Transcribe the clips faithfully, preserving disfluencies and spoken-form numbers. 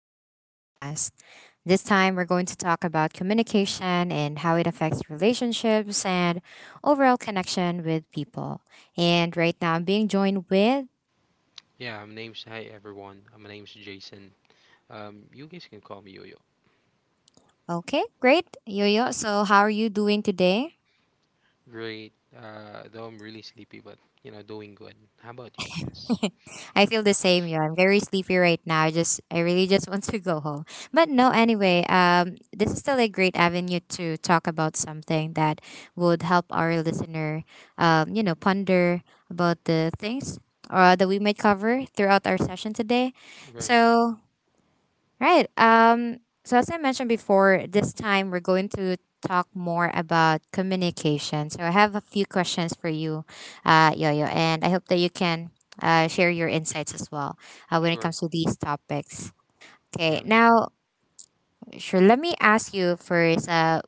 our podcast. This time we're going to talk about communication and how it affects relationships and overall connection with people. And right now I'm being joined with. Yeah, my name's hi everyone. uh, My name's Jason. Um, you guys can call me Yo-Yo. Okay, great. Yoyo, so how are you doing today? Great. Uh, though I'm really sleepy, but you know, doing good. How about you, Chess? I feel the same. Yeah, I'm very sleepy right now. I just I really just want to go home. But no, anyway, um, this is still a great avenue to talk about something that would help our listener, um, you know, ponder about the things uh, that we might cover throughout our session today. Right. So. Right. Um, so as I mentioned before, this time we're going to talk more about communication. So I have a few questions for you, uh, Yo-Yo, and I hope that you can uh, share your insights as well uh, when it Sure. comes to these topics. Yeah, Okay. let's go. Now, sure. Let me ask you first. Uh,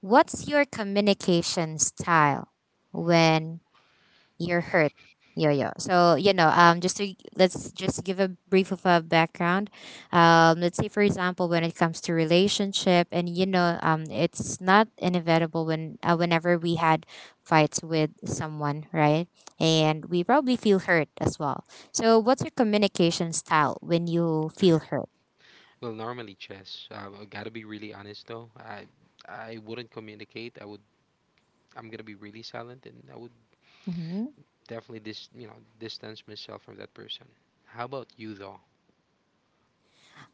What's your communication style when you're hurt, Yo-Yo? So you know um just to let's just give a brief of a background. Um let's say, for example, when it comes to relationship, and you know um it's not inevitable when, uh, whenever we had fights with someone, right? And we probably feel hurt as well. So what's your communication style when you feel hurt? Well, normally, Chess. Uh, I gotta be really honest though. I I wouldn't communicate. I would. I'm gonna be really silent, and I would Mm-hmm. definitely dis you know distance myself from that person. How about you though?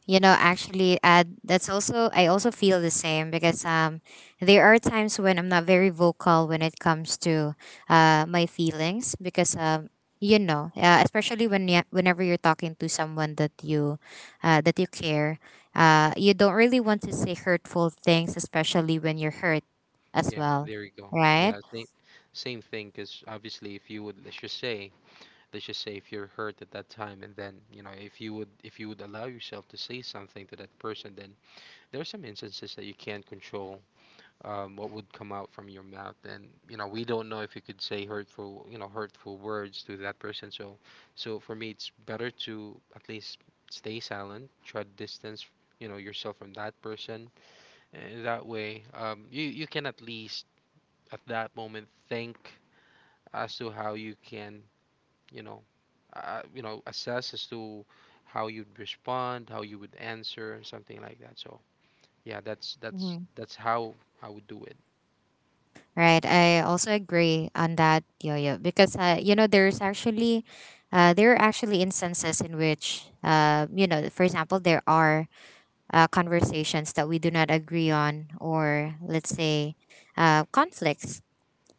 You know, actually, uh, that's also, I also feel the same because um, there are times when I'm not very vocal when it comes to uh, my feelings because, um, you know, uh, especially when you, whenever you're talking to someone that you, uh, that you care, uh, you don't really want to say hurtful things, especially when you're hurt as Yeah, well, there you go. right? Yeah, same same thing. Cause obviously, if you would, let's just say let's just say if you're hurt at that time, and then you know, if you would, if you would allow yourself to say something to that person, then there are some instances that you can't control um, what would come out from your mouth, and you know, we don't know if you could say hurtful, you know, hurtful words to that person. So so for me, it's better to at least stay silent, try to distance, you know, yourself from that person, and that way, um, you, you can at least at that moment think as to how you can, you know, uh, you know assess as to how you'd respond, how you would answer something like that. So yeah, that's that's that's how I would do it. Right. I also agree on that, Yo-Yo, because, uh, you know, there's actually, uh, there are actually instances in which, uh, you know, for example, there are uh, conversations that we do not agree on, or let's say uh, conflicts.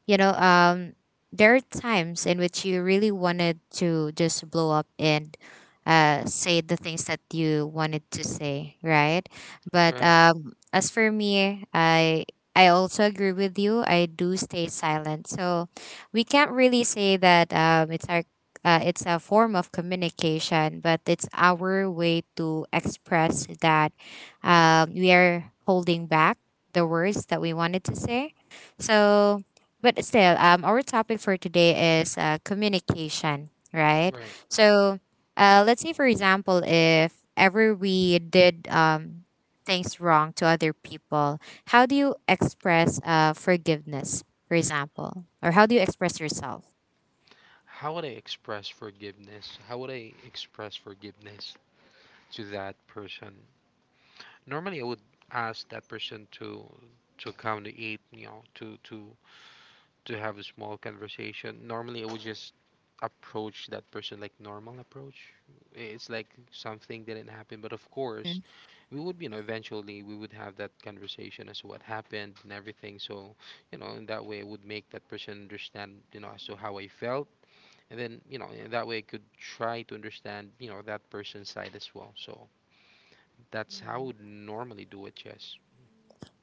you know um there are times in which you really wanted to just blow up and uh, say the things that you wanted to say, right? But Right. um as for me, i i also agree with you. I do stay silent. So we can't really say that um it's our, uh, it's a form of communication, but it's our way to express that um, we are holding back the words that we wanted to say. So, but still, um, our topic for today is uh, communication, right? Right. So, uh, let's say, for example, if ever we did, um, things wrong to other people, how do you express uh, forgiveness, for example? Or how do you express yourself? how would I express forgiveness how would I express forgiveness to that person? Normally, I would ask that person to to come to eat you know to to to have a small conversation. Normally, I would just approach that person like normal approach. It's like something didn't happen, but of course, Mm. we would, you know, eventually we would have that conversation as to what happened and everything. So you know, in that way, it would make that person understand, you know, as to how I felt, and then, you know, in that way, I could try to understand, you know, that person's side as well. So that's how I Mm. would normally do it. Yes.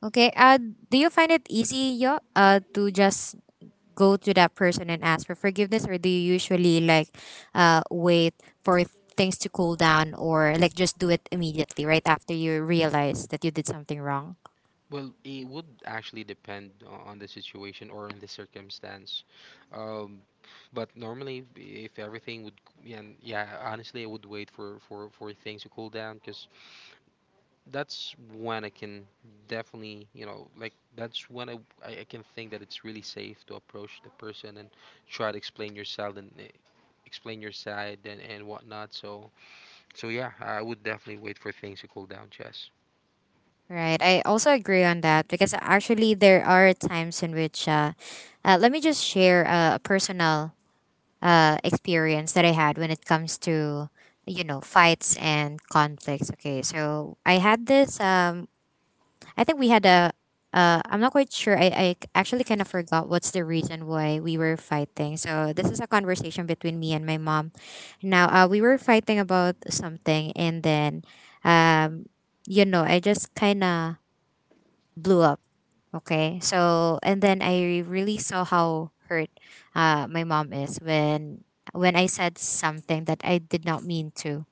Okay. Uh, do you find it easy, yo, uh, to just go to that person and ask for forgiveness, or do you usually, like, uh, wait for things to cool down, or like just do it immediately right after you realize that you did something wrong? Well, it would actually depend o- on the situation or on the circumstance. um but normally, if everything would, yeah, yeah honestly, I would wait for, for for things to cool down, because that's when I can definitely, you know, like that's when I, I I can think that it's really safe to approach the person and try to explain yourself and eh, explain your side and, and whatnot. So so yeah, I would definitely wait for things to cool down, Chess. Right, I also agree on that, because actually there are times in which, uh, uh, let me just share a personal uh, experience that I had when it comes to, you know, fights and conflicts. Okay, so I had this, um, I think we had a. Uh, I'm not quite sure. I, I actually kind of forgot what's the reason why we were fighting. So this is a conversation between me and my mom. Now, uh, we were fighting about something, and then, um, you know, I just kind of blew up. Okay, so and then I really saw how hurt uh, my mom is when, when I said something that I did not mean to.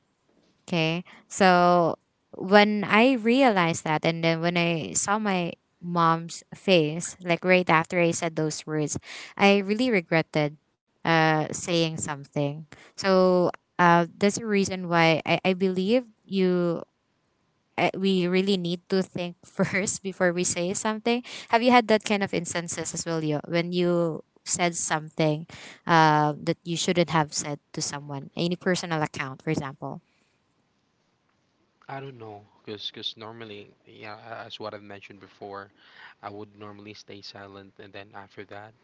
Okay. So when I realized that, and then when I saw my mom's face, like right after I said those words, I really regretted uh, saying something. So uh, that's the reason why I, I believe you. Uh, we really need to think first before we say something. Have you had that kind of instances as well, you, when you said something uh, that you shouldn't have said to someone, any personal account, for example? I don't know, cause, 'cause normally, yeah, a- as what I've mentioned before, I would normally stay silent, and then after that,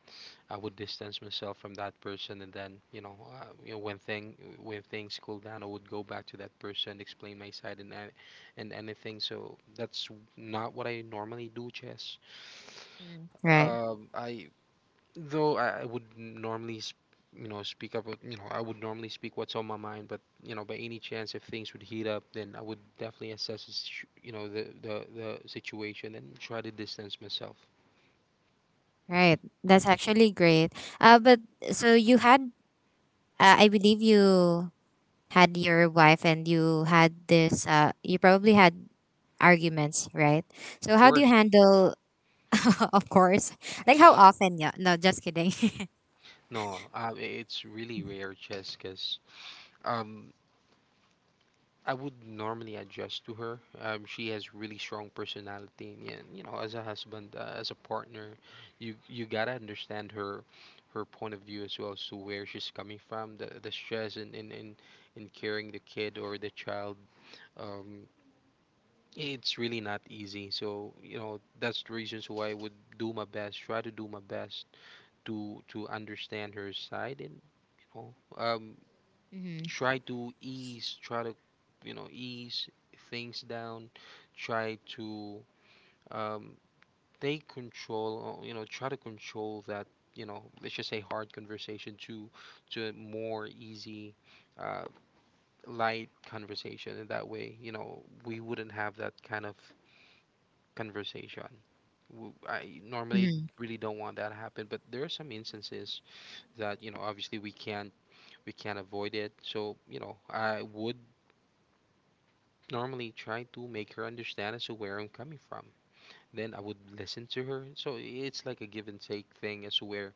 I would distance myself from that person, and then, you know, uh, you know, when thing when things cool down, I would go back to that person, explain my side and a- and anything. So that's not what I normally do, Chess. Mm. Right. Um, I, though I, I would normally, sp- you know, speak up. with- You know, I would normally speak what's on my mind. But you know, by any chance, if things would heat up, then I would definitely assess the situ- you know, the the the situation, and try to distance myself. Right. That's actually great. Uh, but so you had, uh, I believe you had your wife, and you had this, uh, you probably had arguments, right? Of So how do you course. handle, of course, like how often? Yeah. No, just kidding. No, uh, it's really rare, Jess, because um, I would normally adjust to her. Um, she has really strong personality, and yeah, you know, as a husband, uh, as a partner, you you gotta understand her her point of view as well, as to where she's coming from, the the stress in in in, in carrying the kid or the child. Um, it's really not easy. So you know, that's the reasons why I would do my best, try to do my best to to understand her side, and you know, um, Mm-hmm. try to ease try to you know, ease things down, try to, um, take control, or you know, try to control that, you know, let's just say, hard conversation to to a more easy, uh, light conversation. In that way, you know, we wouldn't have that kind of conversation. W- I normally Mm-hmm. really don't want that to happen, but there are some instances that, you know, obviously, we can't we can't avoid it. So you know, I would normally try to make her understand as to where I'm coming from. Then I would listen to her. So it's like a give and take thing, as to where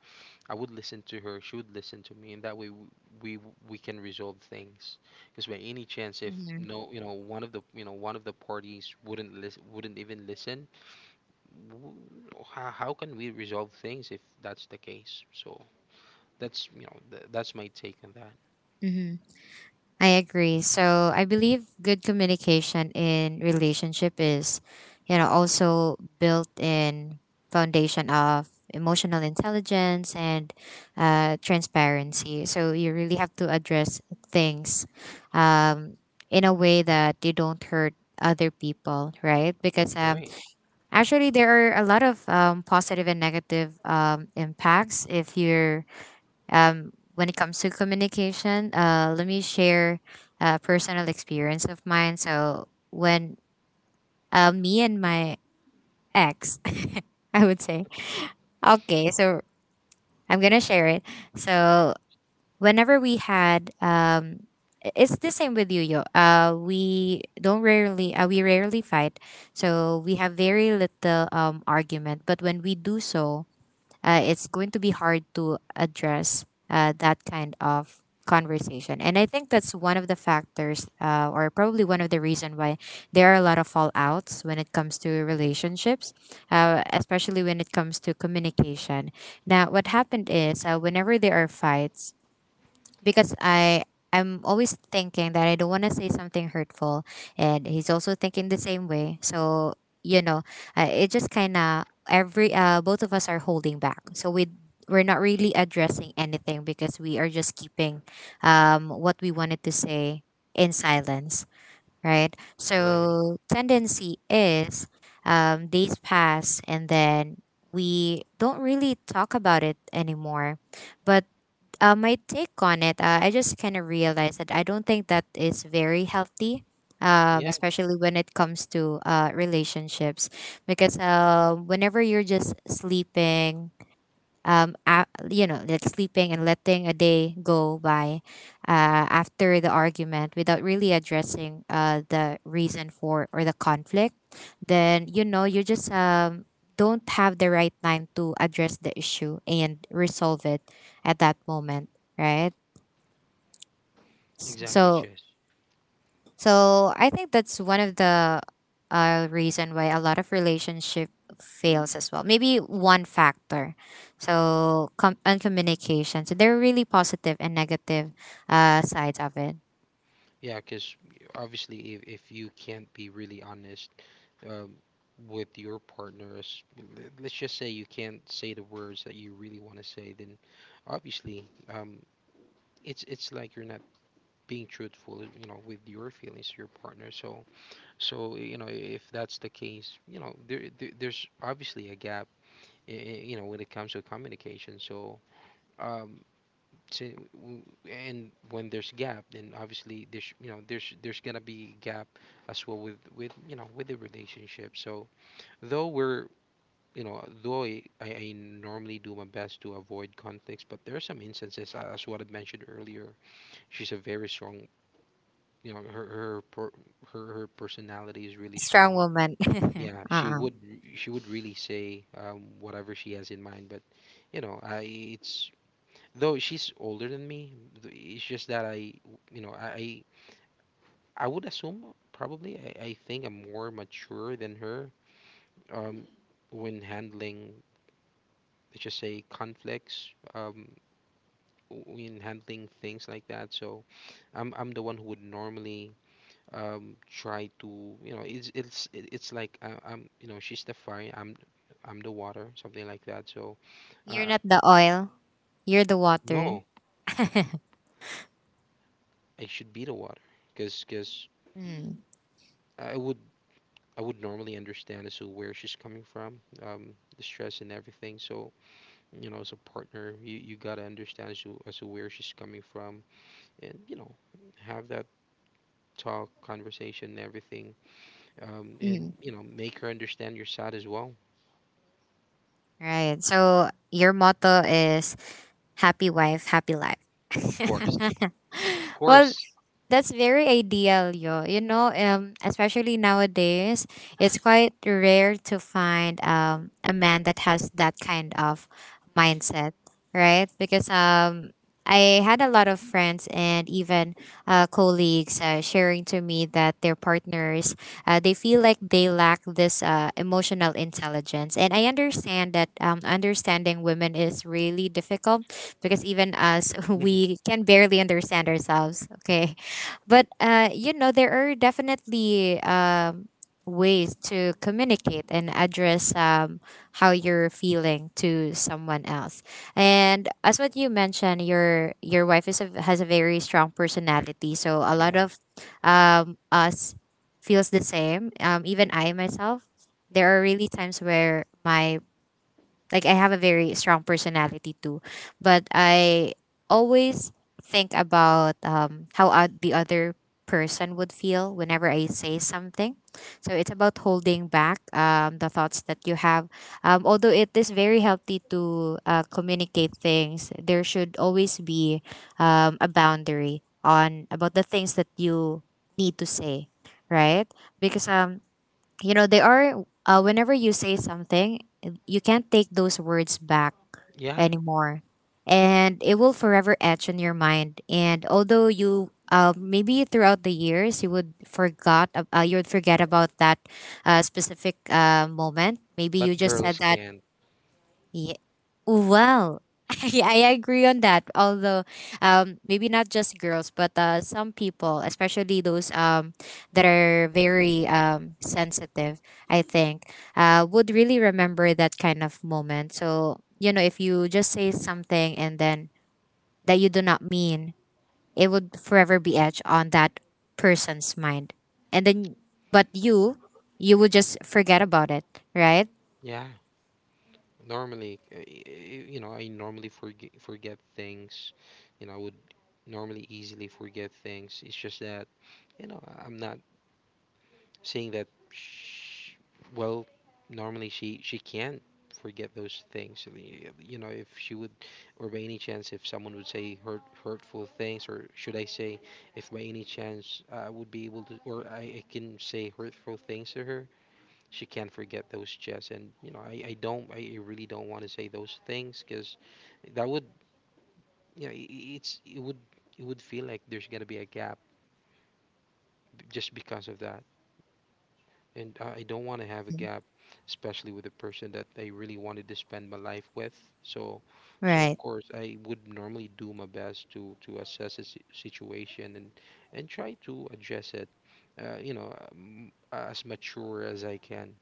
I would listen to her, she would listen to me, and that way w- we we can resolve things. Because by any chance, if no, you know, one of the, you know, one of the parties wouldn't listen, wouldn't even listen, w- how, how can we resolve things if that's the case? So that's, you know, th- that's my take on that. Mm-hmm. I agree. So I believe good communication in relationship is, you know, also built in foundation of emotional intelligence and uh, transparency. So you really have to address things um, in a way that you don't hurt other people, right? R- Because, um, Right. actually, there are a lot of um, positive and negative um, impacts if you're um, when it comes to communication. Uh, let me share a personal experience of mine. So when, uh, me and my ex, I would say, okay, so I'm gonna share it. So whenever we had, um, i- it's the same with you, yo. Uh, we don't rarely, uh, We rarely fight, so we have very little um argument. But when we do so, uh, it's going to be hard to address uh, that kind of conversation, and I think that's one of the factors, uh, or probably one of the reason why there are a lot of fallouts when it comes to Mhm. relationships, uh, especially when it comes to communication. Now, what happened is, uh, whenever there are fights, because I I'm always thinking that I don't want to say something hurtful, and he's also thinking the same way. So, you know, uh, it just kind of every, uh, both of us are holding back. So we we're not really addressing anything because we are just keeping um, what we wanted to say in silence, right? Right. So tendency is, um, days pass, and then we don't really talk about it anymore, but uh, my take on it, uh, I just kind of realized that I don't think that is very healthy, um, Yeah. especially when it comes to uh, relationships. Because, uh, whenever you're just sleeping, um a you know like sleeping and letting a day go by uh, after the argument without really addressing uh, the reason for or the conflict, then, you know, you just um don't have the right time to address the issue and resolve it at that moment, right? S- Exactly, so Chess. so I think that's one of the uh, reason why a lot of relationship fails as well. Maybe one factor. So com- and communication. So there are really positive and negative uh, sides of it. Yeah, because obviously, if, if you can't be really honest, um, with your partners, l- let's just say you can't say the words that you really want to say, then obviously, um, it's it's like you're not being truthful, you know, with your feelings to your partner. So, so you know, if that's the case, you know, there, there there's obviously a gap, i- i- you know, when it comes to communication. So, um, to w- and when there's gap, then obviously there's, you know, there's there's gonna be gap as well, with with you know, with the relationship. So though we're, you know, though I, I I normally do my best to avoid conflicts, but there are some instances, uh, as what I mentioned earlier, she's a very strong, you know, her her per, her, her personality is really Strong strong. woman. Yeah, she Uh-uh. would she would really say, um, whatever she has in mind, but you know, I, it's, though she's older than me, th- it's just that I, you know, I I I would assume probably I, I think I'm more mature than her, um, when handling, let's just say, conflicts, um, when handling things like that. So I'm I'm the one who would normally, um, try to, you know, it's it's it- it's like I, I'm, you know, she's the fire, I'm I'm the water, something like that. So You're uh, not the oil. You're the water. no, I should be the water, because because. Mm. I would I would normally understand as to where she's coming from, um, the stress and everything. So, you know, as a partner, you, you gotta understand as to, as to where she's coming from, and you know, have that talk, conversation, and everything, um, and Hmm. you know, make her understand your side as well. Right. So your motto is happy wife, happy life. Of course, of Well, course. that's very ideal, yo. You know, um, especially nowadays, it's quite rare to find um a man that has that kind of mindset, right? Because, um, I had a lot of friends and even uh, colleagues uh, sharing to me that their partners, uh, they feel like they lack this uh, emotional intelligence, and I understand that um, understanding women is really difficult because even us, Yeah, we can barely understand ourselves. Okay, but uh, you know, there are definitely um, ways to communicate and address um, how you're feeling to someone else. And as what you mentioned, your your wife is a, has a very strong personality, so a lot of um, us feels the same. Um, even I myself, there are really times where my, like, I have a very strong personality too, but I always think about, um, how oth- the other person would feel whenever I say something. So it's about holding back um, the thoughts that you have. Um, although it is very healthy to uh, communicate things, there should always be um, a boundary on about the things that you need to say, right? Because, um, you know, they are, uh, whenever you say something, you can't take those words back yeah. anymore, and it will forever etch in your mind. And although you, uh, maybe throughout the years you would forgot ab- uh, you would forget about that uh, specific uh, moment, maybe you But just said girls that. can't. Well, I, I agree on that. Although, um, maybe not just girls, but uh, some people, especially those um that are very um sensitive, I think, uh, would really remember that kind of moment. So, you know, if you just say something, and then that you do not mean, it would forever be etched on that person's mind. And then, but you, you would just forget about it, right? Yeah. Normally, uh, y- y- you know, I normally forget forget things. You know, I would normally easily forget things. It's just that, you know, I- I'm not saying that sh well, normally she she can't forget those things. Y- you know, if she would, or by any chance, if someone would say hurt hurtful things, or should I say, if by any chance I would be able to, or i, I can say hurtful things to her, she can't forget those chats. And you know, i, I don't, I really don't want to say those things, because that would, you know, i- i- it's, it would, it would feel like there's gonna be a gap b- just because of that. And i I don't want to have a gap, especially with a person that I really wanted to spend my life with. So, so of Right. course, I would normally do my best to to assess the si- situation, and and try to address it, uh, you know, um, as mature as I can.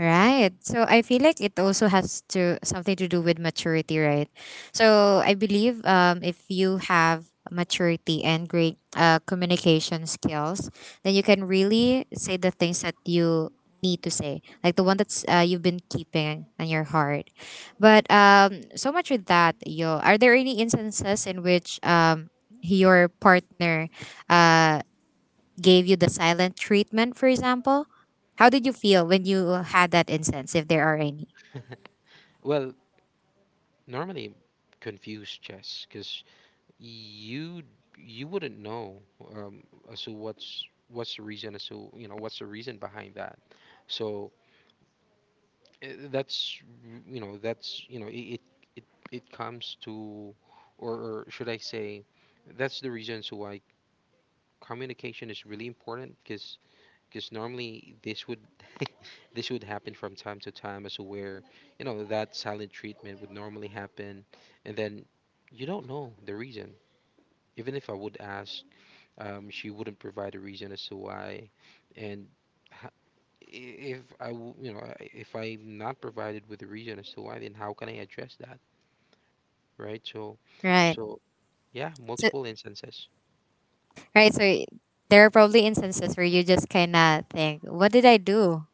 Right. So I feel like it also has to something to do with maturity, right? So I believe, um, if you have maturity and great uh, communication skills, then you can really say the things that you need to say, like the one that's uh, you've been keeping on your heart. But, um, so much with that, yo. Are there any instances in which um, your partner, uh, gave you the silent treatment, for example? How did you feel when you had that incense, if there are any? Well, normally, confuse, Chess, because you you wouldn't know, um, as to what's what's the reason, as to, you know, what's the reason behind that. So eh, that's, you know, that's, you know, it it it, it comes to, or, or should I say, that's the reason. So why communication is really important, because because normally this would this would happen from time to time, as where, you know, that silent treatment would normally happen, and then you don't know the reason. Even if I would ask, um, she wouldn't provide a reason as to why. And ho- i- if i w- you know, I- if I'm not provided with a reason as to why, then how can I address that, right? So, Right. so yeah, So, multiple instances. right. So there are probably instances where you just kind of think, "What did I do?"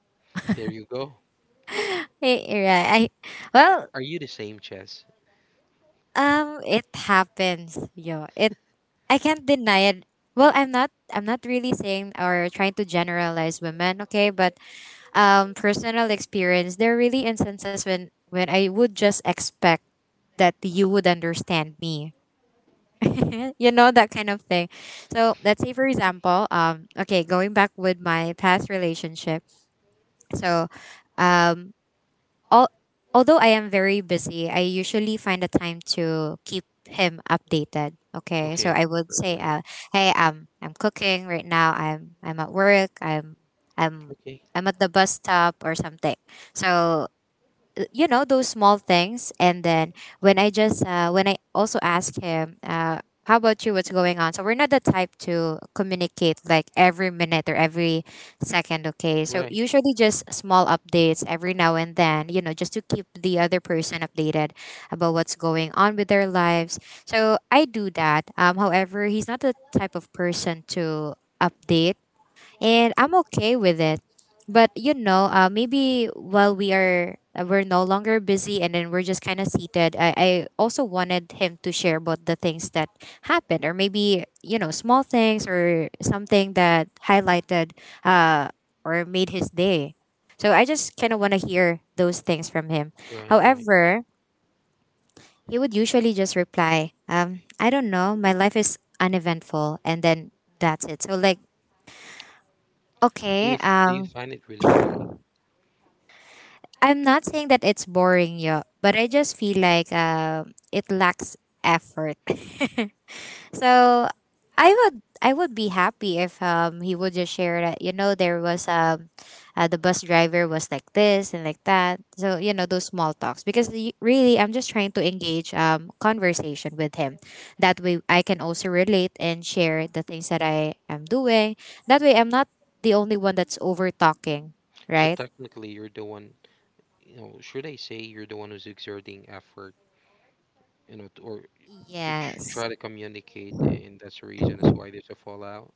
There you go. Eh, Right. I are, Well, are you the same, Chess? um, it happens, yo. It I can't deny it. Well, I'm not. I'm not really saying or trying to generalize women, okay? But um, personal experience, there are really instances when when I would just expect that you would understand me. You know, that kind of thing. So let's say, for example, um okay, going back with my past relationship. So um all, although I am very busy, I usually find a time to keep him updated. Okay, so Okay. I would right say, right uh, hey, um I'm cooking right now, I'm i'm at work, i'm i'm Okay. I'm at the bus stop or something. So, th- you know, those small things, and then when i just uh, when I also ask him, uh, how about you, what's going on? So we're not the type to communicate like every minute or every second, okay? So right usually just small updates every now and then, you know, just to keep the other person updated about what's going on with their lives. So I do that, um, however, he's not the type of person to update, and I'm okay with it. But you know, uh, maybe while we are uh, we're no longer busy and then we're just kind of seated. I, I also wanted him to share about the things that happened, or maybe, you know, small things or something that highlighted, uh, or made his day. So I just kind of want to hear those things from him. right right However, he would usually just reply, um, "I don't know. My life is uneventful," and then that's it. So like, Do okay, you f- do you um, find it really boring? I'm not saying that it's boring, yo, but I just feel like um, it lacks effort. So I would I would be happy if um he would just share that, you know, there was um uh, the bus driver was like this and like that. So, you know, those small talks, because y- really I'm just trying to engage um conversation with him. That way I can also relate and share the things that I am doing. That way I'm not the only one that's over talking, So right? technically, you're the one. You know, should I say you're the one who's exerting effort? You know, t- or to tr- Yes. try to communicate, and that's the reason as why there's a fallout.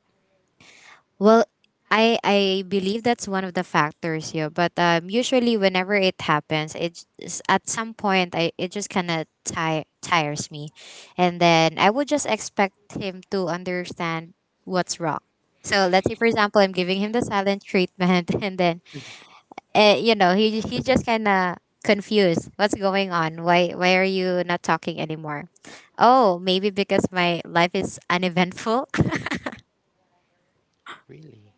Well, I I believe that's one of the factors here, but um, usually whenever it happens, it's it's- at some point I it just kind of tire tires me, and then I would just expect him to understand what's wrong. So let's say, for example, I'm giving him the silent treatment. And then, uh, you know, he he's just kind of confused. What's going on? Why why are you not talking anymore? Oh, maybe because my life is uneventful. Really?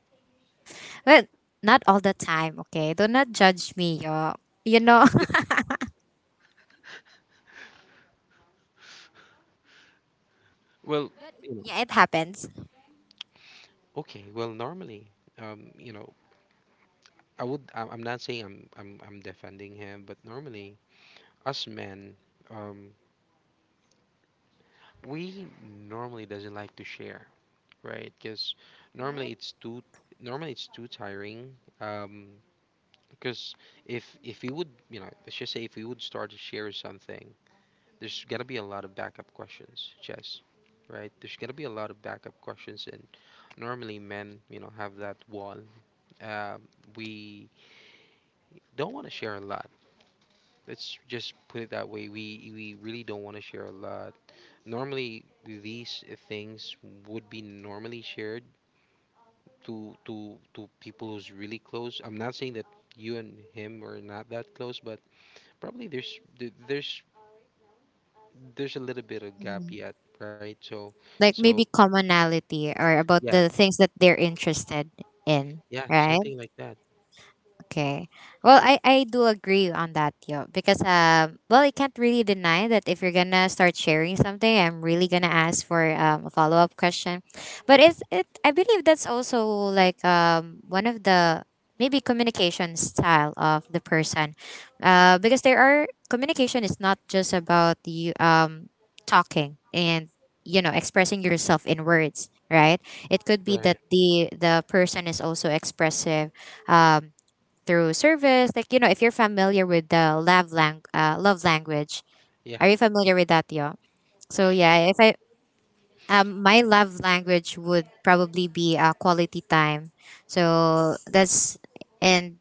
Well, not all the time, okay? Do not judge me, yo. You know? Well, But you know, yeah, it happens. okay. Well, normally, um, you know, I would. I'm I'm not saying I'm I'm I'm defending him, but normally, us men, um, we normally doesn't like to share, right? Because normally Right? it's too normally it's too tiring. Um, Because if if we would, you know, let's just say if we would start to share something, there's gonna be a lot of backup questions, Jess, right? There's gonna be a lot of backup questions, and normally men, you know, have that wall. Um, we don't want to share a lot. Let's just put it that way. We we really don't want to share a lot. Normally, these things would be normally shared to to to people who's really close. I'm not saying that you and him are not that close, but probably there's th- there's there's a little bit of gap Mhm. yet, right? So Like maybe so commonality or about yeah, the things that they're interested in, yeah, right? something like that, Okay. Well, I, I do agree on that, yo, because um well, I can't really deny that if you're gonna start sharing something, I'm really gonna ask for um, a follow up question. But it's it I believe that's also like um one of the maybe communication style of the person, uh because there are communication is not just about you um talking and, you know, expressing yourself in words, right? It could be right? that the the person is also expressive. Um Through service. Like, you know, if you're familiar with the love, lang- uh, love language, Yeah, are you familiar with that, yo? So, yeah, if I, um, my love language would probably be uh, quality time. So that's, and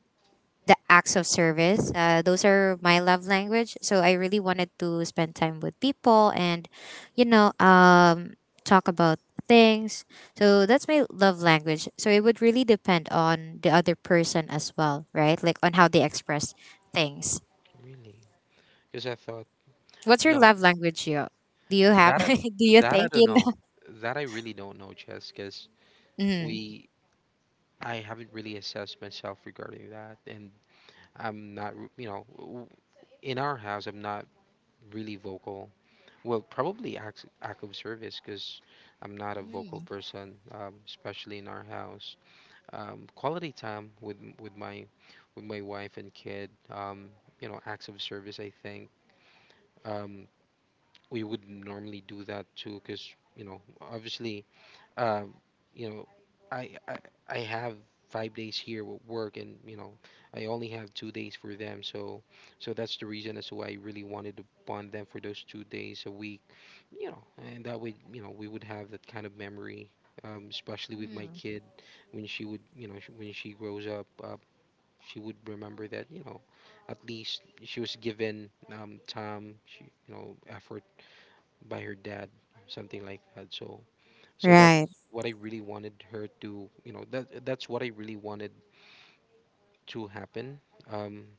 the acts of service. Uh, those are my love language. So I really wanted to spend time with people and, you know, um, talk about things. So that's my love language. So it would really depend on the other person as well, right? Like on how they express things. really. Because I thought What's your no, love language, you? Do you have? that I, Do you that I think don't you know, know? that I really don't know, Jess. Because Mm. we I haven't really assessed myself regarding that, and I'm not r- you know w- in our house I'm not really vocal. Well, probably act act of service because I'm not a vocal Mhm. person, um, especially in our house. um, quality time with m- with my with my wife and kid. Um, you know, acts of service. I think um, we would normally do that too, because you know, obviously, um, you know, I, I I have five days here with work, and you know, I only have two days for them. So, so that's the reason as to why I really wanted to bond them for those two days a week. You know, and that way, you know, we would have that kind of memory, um, especially with my Mm. kid when she would, you know, sh- when she grows up. Uh, she would remember that you know at least she was given um, time she, you know effort by her dad something like that so so that's Right. what I really wanted her to, you know, that that's what I really wanted to happen. Um,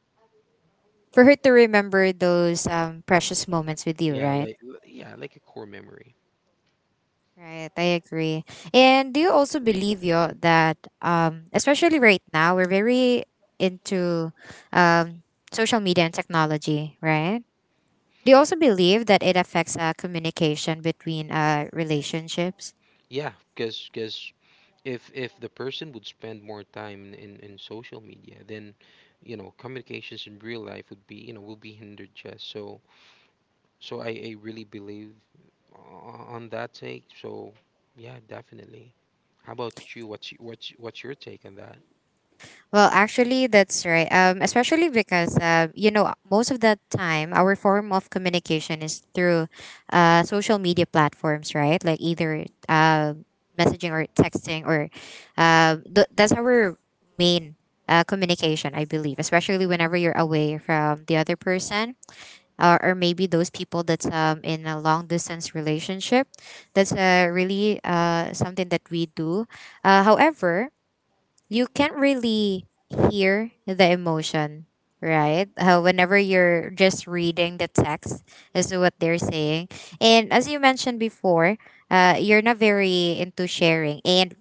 For her to remember those, um, precious moments with you, yeah, right? like yeah, like a core memory. Right, I agree. And do you also believe yo that um especially right now we're very into um social media and technology, right? Do you also believe that it affects uh, communication between uh relationships? Yeah, because because if if the person would spend more time in, in in social media, then you know communications in real life would be you know will be hindered. Just so so I, I really believe o- on that take. So yeah, definitely. How about you? What's y- what's what's your take on that? Well, actually, that's right. Um, especially because uh, you know, most of the time our form of communication is through uh, social media platforms, right? Like either uh, messaging or texting, or uh, th- that's our main uh, communication, I believe. Especially whenever you're away from the other person, or, or maybe those people that's, um, in a long distance relationship. That's uh, really uh, something that we do. Uh, however, you can't really hear the emotion, right? Uh, whenever you're just reading the text, is what they're saying. And as you mentioned before, uh, you're not very into sharing. And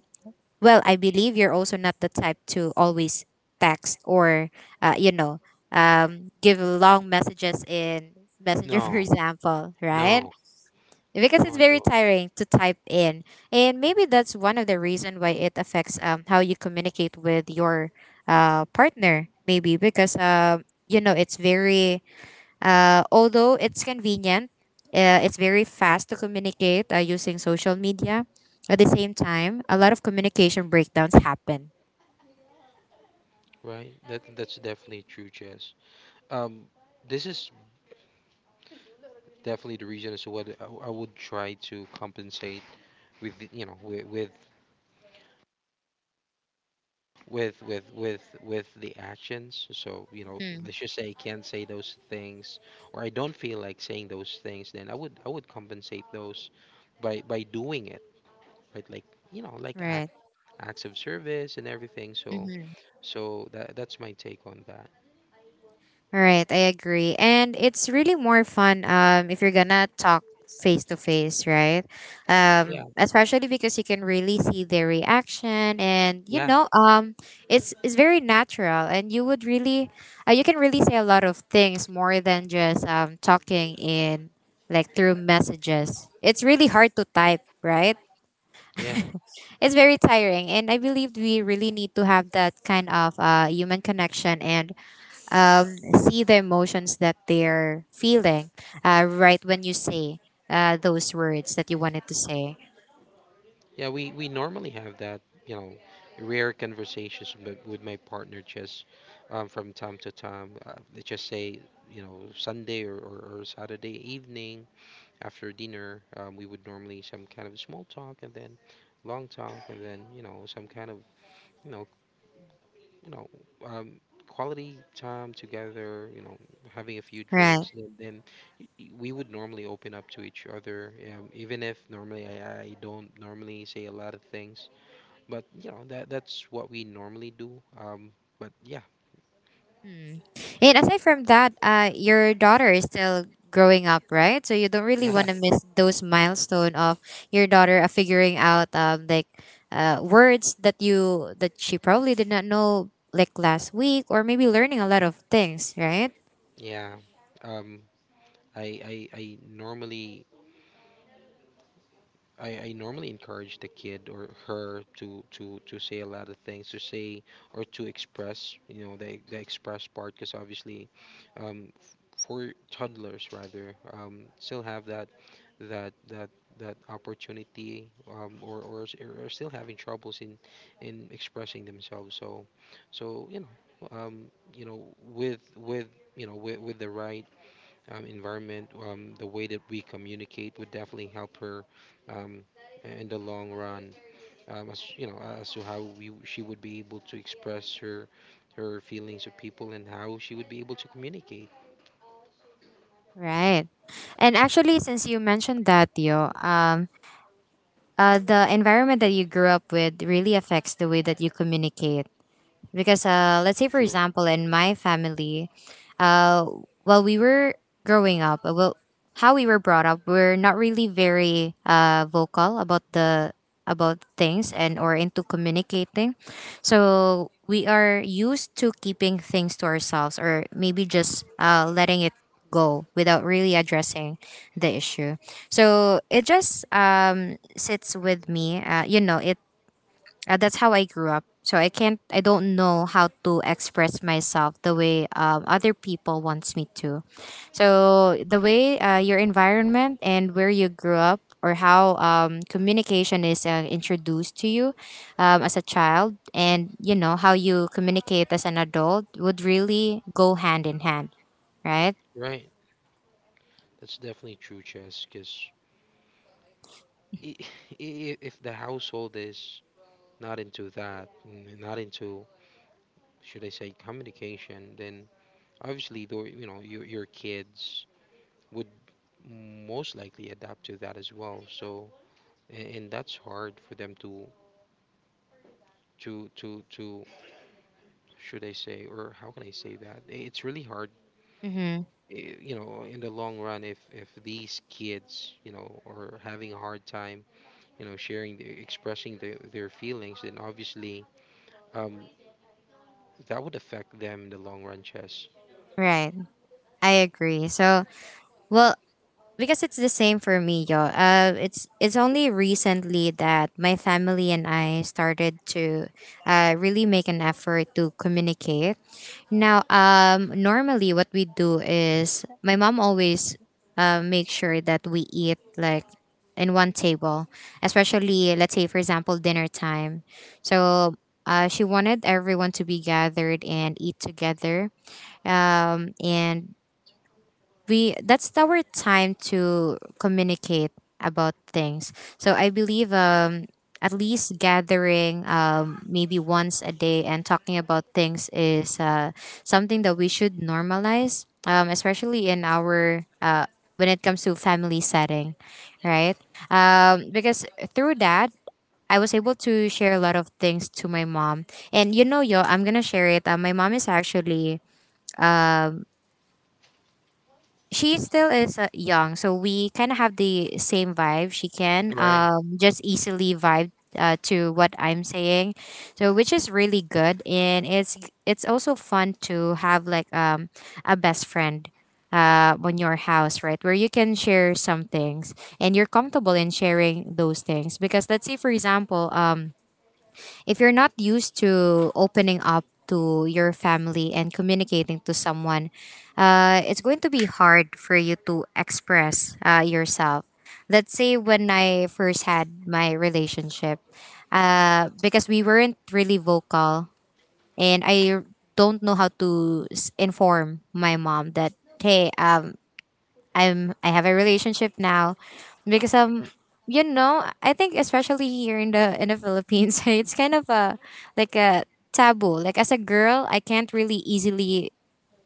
well, I believe you're also not the type to always text or, uh, you know, um, give long messages in Messenger, for No, example, right? no, Because no, it's I very don't. tiring to type in, and maybe that's one of the reason why it affects, um, how you communicate with your, uh, partner, maybe because, uh, you know, it's very, uh, although it's convenient, uh, it's very fast to communicate uh, using social media. At the same time, a lot of communication breakdowns happen. Right. That that's definitely true, Jess. Um, this is definitely the reason as to what I, I would try to compensate with, the- you know, with with with with with with the actions. So you know, Mm. let's just say I can't say those things, or I don't feel like saying those things. Then I would I would compensate those by by doing it, right? Like you know, like act, Right. acts of service and everything. So so that that's my take on that. All right, I agree. And it's really more fun um if you're gonna talk face to face, right? Yeah. Um especially because you can really see their reaction and, you Yeah. know, um it's it's very natural, and you would really, uh, you can really say a lot of things more than just um talking in like through messages. It's really hard to type, right? Yeah. It's very tiring, and I believe we really need to have that kind of uh human connection and, um, see the emotions that they're feeling uh, right when you say uh, those words that you wanted to say. Yeah, we, we normally have that, you know, rare conversations with, with my partner just um, from time to time. Uh, let's just say, you know, Sunday or, or, or Saturday evening after dinner, um, we would normally some kind of small talk and then long talk and then, you know, some kind of, you know, you know, um, quality time together, you know, having a few Right. drinks and then y- y- we would normally open up to each other, um, even if normally I, I don't normally say a lot of things but you know that that's what we normally do. Um, but yeah, Hmm. And aside from that, uh, your daughter is still growing up, right? So you don't really Yeah. want to miss those milestone of your daughter, uh, figuring out, um, like uh, words that you that she probably did not know like last week, or maybe learning a lot of things, right? yeah. Um, I I I normally I, I normally encourage the kid or her to, to, to say a lot of things to say or to express you know the, the express part because obviously um, f- for toddlers rather um, still have that that that that opportunity um, or, or s- or still having troubles in in expressing themselves so so you know um, you know with with you know with, with the right um, environment, um, the way that we communicate would definitely help her um, in the long run. Um, as you know, as to how we she would be able to express her her feelings to people and how she would be able to communicate. Right. And actually, since you mentioned that, Tio, um, uh, the environment that you grew up with really affects the way that you communicate, because uh, let's say, for Sure. example, in my family, uh, while we were growing up, uh, well, how we were brought up, we're not really very, uh, vocal about the about things, and or into communicating. So we are used to keeping things to ourselves, or maybe just uh, letting it go without really addressing the issue. So it just, um, sits with me, uh, you know it uh, that's how I grew up. So I can't, I don't know how to express myself the way, um, other people wants me to. So the way uh, your environment and where you grew up, or how, um, communication is uh, introduced to you um, as a child, and you know how you communicate as an adult would really go hand in hand, right? Right. That's definitely true, Chess. Because if the household is not into that, n- not into should I say communication, then obviously though you know your your kids would most likely adapt to that as well. So and, and that's hard for them to to to to should I say or how can I say that? I- It's really hard, Mm-hmm. eh, you know, in the long run if if these kids, you know, are having a hard time, you know, sharing the, expressing their their feelings, then obviously um that would affect them in the long run, Chess. Right. I agree. So, well, because it's the same for me, yo. Uh, it's it's only recently that my family and I started to uh, really make an effort to communicate. Now, um, normally what we do is my mom always uh, make sure that we eat like in one table, especially let's say, for example, dinner time. So. Uh, she wanted everyone to be gathered and eat together. Um, and we that's our time to communicate about things. So I believe, um at least gathering um maybe once a day and talking about things is uh something that we should normalize, um especially in our, uh when it comes to family setting, right? Um because through that, I was able to share a lot of things to my mom, and you know, yo, I'm gonna share it. Uh, my mom is actually, um she still is uh, young, so we kind of have the same vibe. She can, Right, um, just easily vibe, uh, to what I'm saying, so which is really good, and it's it's also fun to have like, um, a best friend uh, on your house, right, where you can share some things and you're comfortable in sharing those things. Because let's say, for example, um if you're not used to opening up to your family and communicating to someone, uh, it's going to be hard for you to express, uh, yourself. Let's say when I first had my relationship, uh, because we weren't really vocal, and I don't know how to s- inform my mom that hey, um, I'm I have a relationship now. Because um you know, I think especially here in the in the Philippines it's kind of a like a taboo. Like as a girl, I can't really easily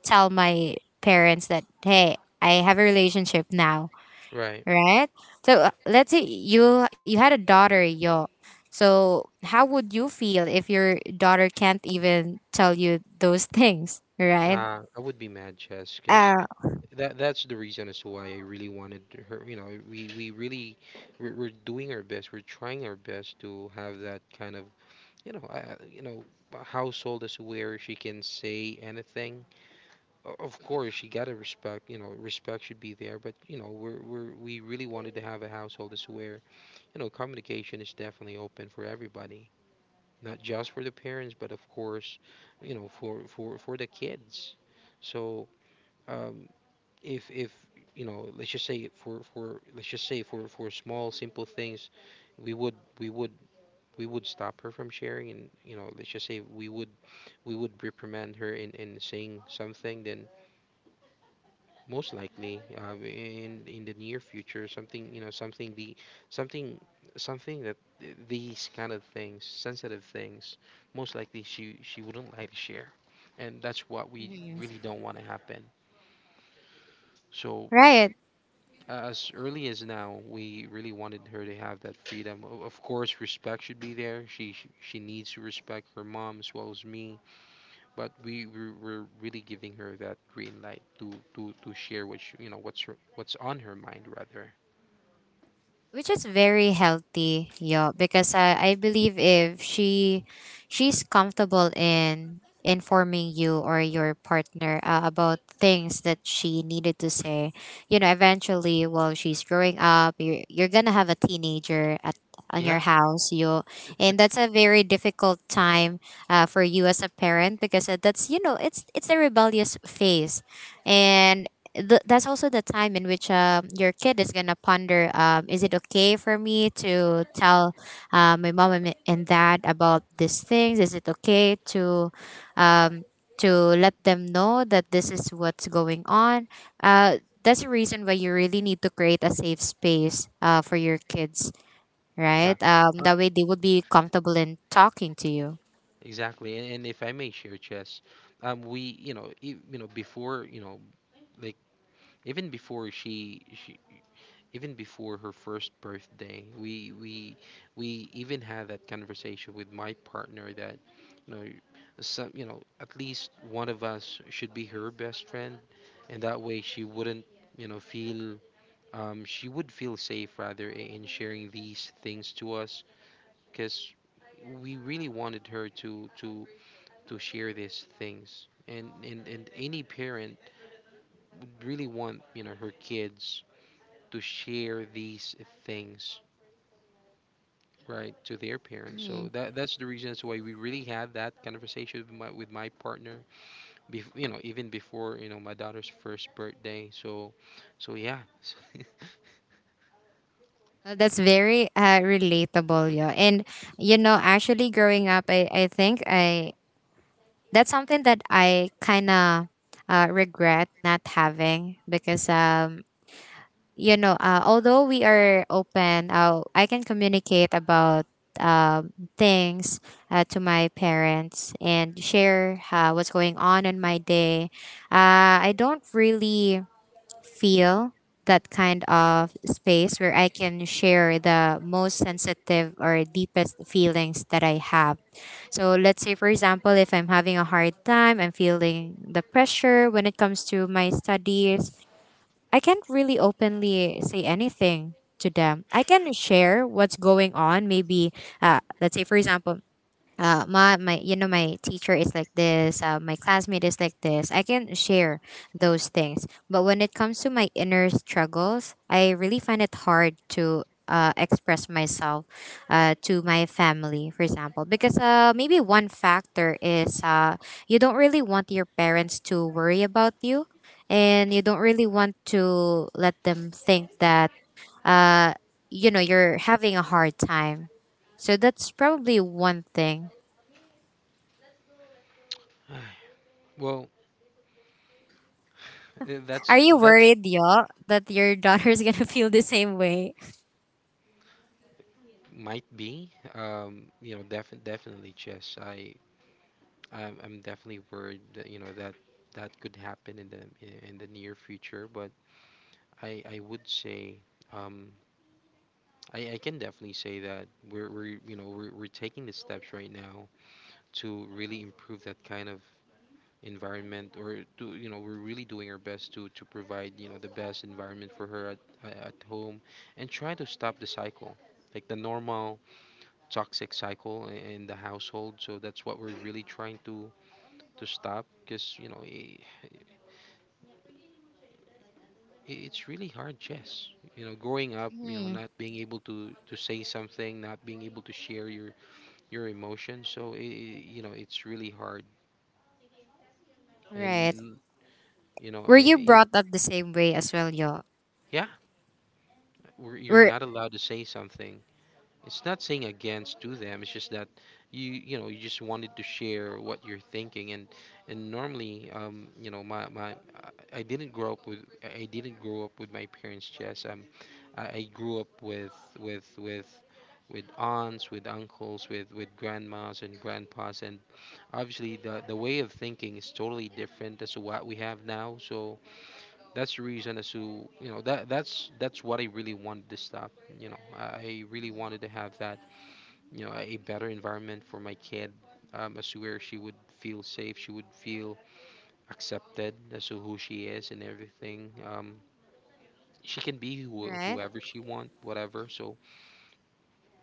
tell my parents that hey, I have a relationship now, right. right? So uh, let's say you you had a daughter, yo, so how would you feel if your daughter can't even tell you those things, right? Nah, I would be mad, Chess, because Uh, that that's the reason as to why I really wanted her. You know, we we really we're, we're doing our best. We're trying our best to have that kind of you know, uh, you know, a household is where she can say anything. O- Of course, she gotta respect. You know, respect should be there. But you know, we're we're we really wanted to have a household is where you know communication is definitely open for everybody, not just for the parents, but of course, you know, for for for the kids. So um, if if you know, let's just say for for let's just say for for small simple things, we would we would we would stop her from sharing, and you know, let's just say we would we would reprimand her in, in saying something, then most likely uh, in in the near future, something you know, something the something something that th- these kind of things, sensitive things, most likely she she wouldn't like to share, and that's what we mhm. really don't want to happen. So Right, as early as now, we really wanted her to have that freedom. O- Of course, respect should be there. She she she needs to respect her mom as well as me but we we were really giving her that green light to to to share what she, you know what's her, what's on her mind rather. which is very healthy, yo. Because I, I believe if she she's comfortable in informing you or your partner uh, about things that she needed to say, you know, eventually while she's growing up, you're, you're gonna have a teenager at on your Yeah, house, you. And that's a very difficult time uh, for you as a parent, because uh, that's, you know, it's it's a rebellious phase, and th- that's also the time in which um, your kid is gonna ponder, um, is it okay for me to tell uh, my mom and and dad about these things? Is it okay to um, to let them know that this is what's going on? uh, that's the reason why you really need to create a safe space uh, for your kids, yeah, right? um, uh, That way they would be comfortable in talking to you. exactly. And, and if I may share, Chess, um, we you know e- you know before you know like even before she she even before her first birthday we we we even had that conversation with my partner that you know some you know at least one of us should be her best friend and that way she wouldn't you know feel um, she would feel safe rather i- in sharing these things to us because we really wanted her to to to share these things and and, and any parent would really want you know her kids to share these things right to their parents so that that's the reasons why we really had that conversation with my, with my partner bef- you know even before you know my daughter's first birthday so so yeah Well, that's very uh, relatable, yeah. And you know, actually, growing up, I, I think I that's something that I kind of uh, regret not having, because um you know, uh, although we are open, uh, I can communicate about um things uh, to my parents and share uh, what's going on in my day. Uh, I don't really feel that kind of space where I can share the most sensitive or deepest feelings that I have. So let's say, for example, if I'm having a hard time, I'm feeling the pressure when it comes to my studies, I can't really openly say anything to them. I can share what's going on, maybe uh, let's say, for example, uh, my my you know, my teacher is like this, uh, my classmate is like this. I can share those things, but when it comes to my inner struggles, I really find it hard to uh, express myself uh, to my family, for example, because uh, maybe one factor is, uh, you don't really want your parents to worry about you, and you don't really want to let them think that uh, you know, you're having a hard time. So that's probably one thing. well uh, Are that's you that's worried, y'all, that your daughter's gonna feel the same way? might be um you know def- definitely chess i i'm, I'm definitely worried that, you know that that could happen in the in, in the near future but i I would say um I, I can definitely say that we're, we're you know we're, we're taking the steps right now to really improve that kind of environment or to you know we're really doing our best to to provide you know the best environment for her at, uh, at home and try to stop the cycle like the normal toxic cycle i- in the household so that's what we're really trying to to stop because you know i i- it's really hard jess you know growing up you know Mhm. not being able to to say something not being able to share your your emotions so i i- you know it's really hard Right. and you know Were you eh, brought up the same way as well, y'all? yeah where you're Were. not allowed to say something. It's not saying against to them. It's just that you you know you just wanted to share what you're thinking and and normally um you know my my I I didn't grow up with I I didn't grow up with my parents Jess. Um, I, I grew up with with with with aunts, with uncles, with with grandmas and grandpas and obviously the the way of thinking is totally different as to what we have now. So that's the reason as to you know that that's that's what I really wanted to stop. You know, I I really wanted to have that you know a better environment for my kid, um, as to where she would feel safe, she would feel accepted as to who she is and everything. Um, she can be who, Right? whoever she want, whatever. So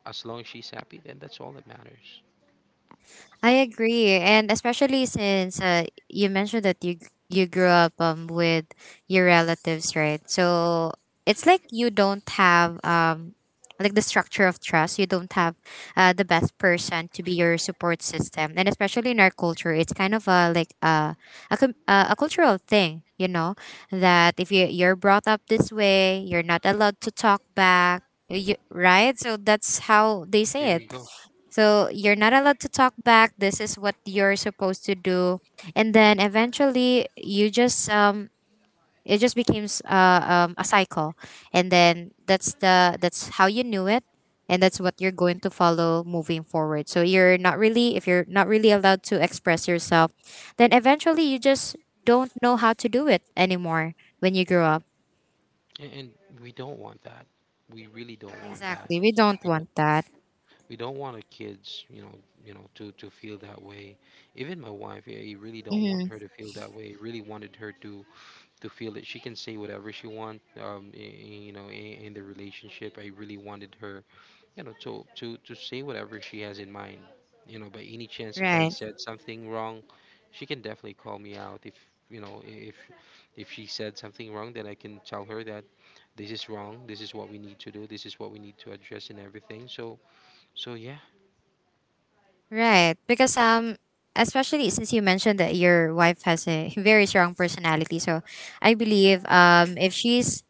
as long as she's happy, then that's all that matters. I agree, and especially since uh, you mentioned that you you grew up um with your relatives, right? So it's like you don't have um like the structure of trust. You don't have uh, the best person to be your support system, and especially in our culture, it's kind of a like uh, a com- uh, a cultural thing, you know, that if you you're brought up this way, you're not allowed to talk back. You, right? So that's how they There say it. you go. So you're not allowed to talk back. This is what you're supposed to do, and then eventually you just um it just becomes uh, um, a cycle, and then that's the that's how you knew it, and that's what you're going to follow moving forward. So you're not really, if you're not really allowed to express yourself, then eventually you just don't know how to do it anymore when you grow up. And, and we don't want that. We really don't want that. Exactly, we don't We don't. want that. we don't want our kids you know you know to to feel that way. Even my wife, yeah, you really don't want Mm-hmm. her to feel that way. I really wanted her to to feel that she can say whatever she want. Um i- i- you know, in, in the relationship, I really wanted her, you know to to to say whatever she has in mind. You know, by any chance, if I Right. said something wrong, she can definitely call me out. If you know i- if if she said something wrong, then I can tell her that this is wrong, this is what we need to do, this is what we need to address and everything. So so yeah. Right. Because um especially since you mentioned that your wife has a very strong personality. So I believe um if she's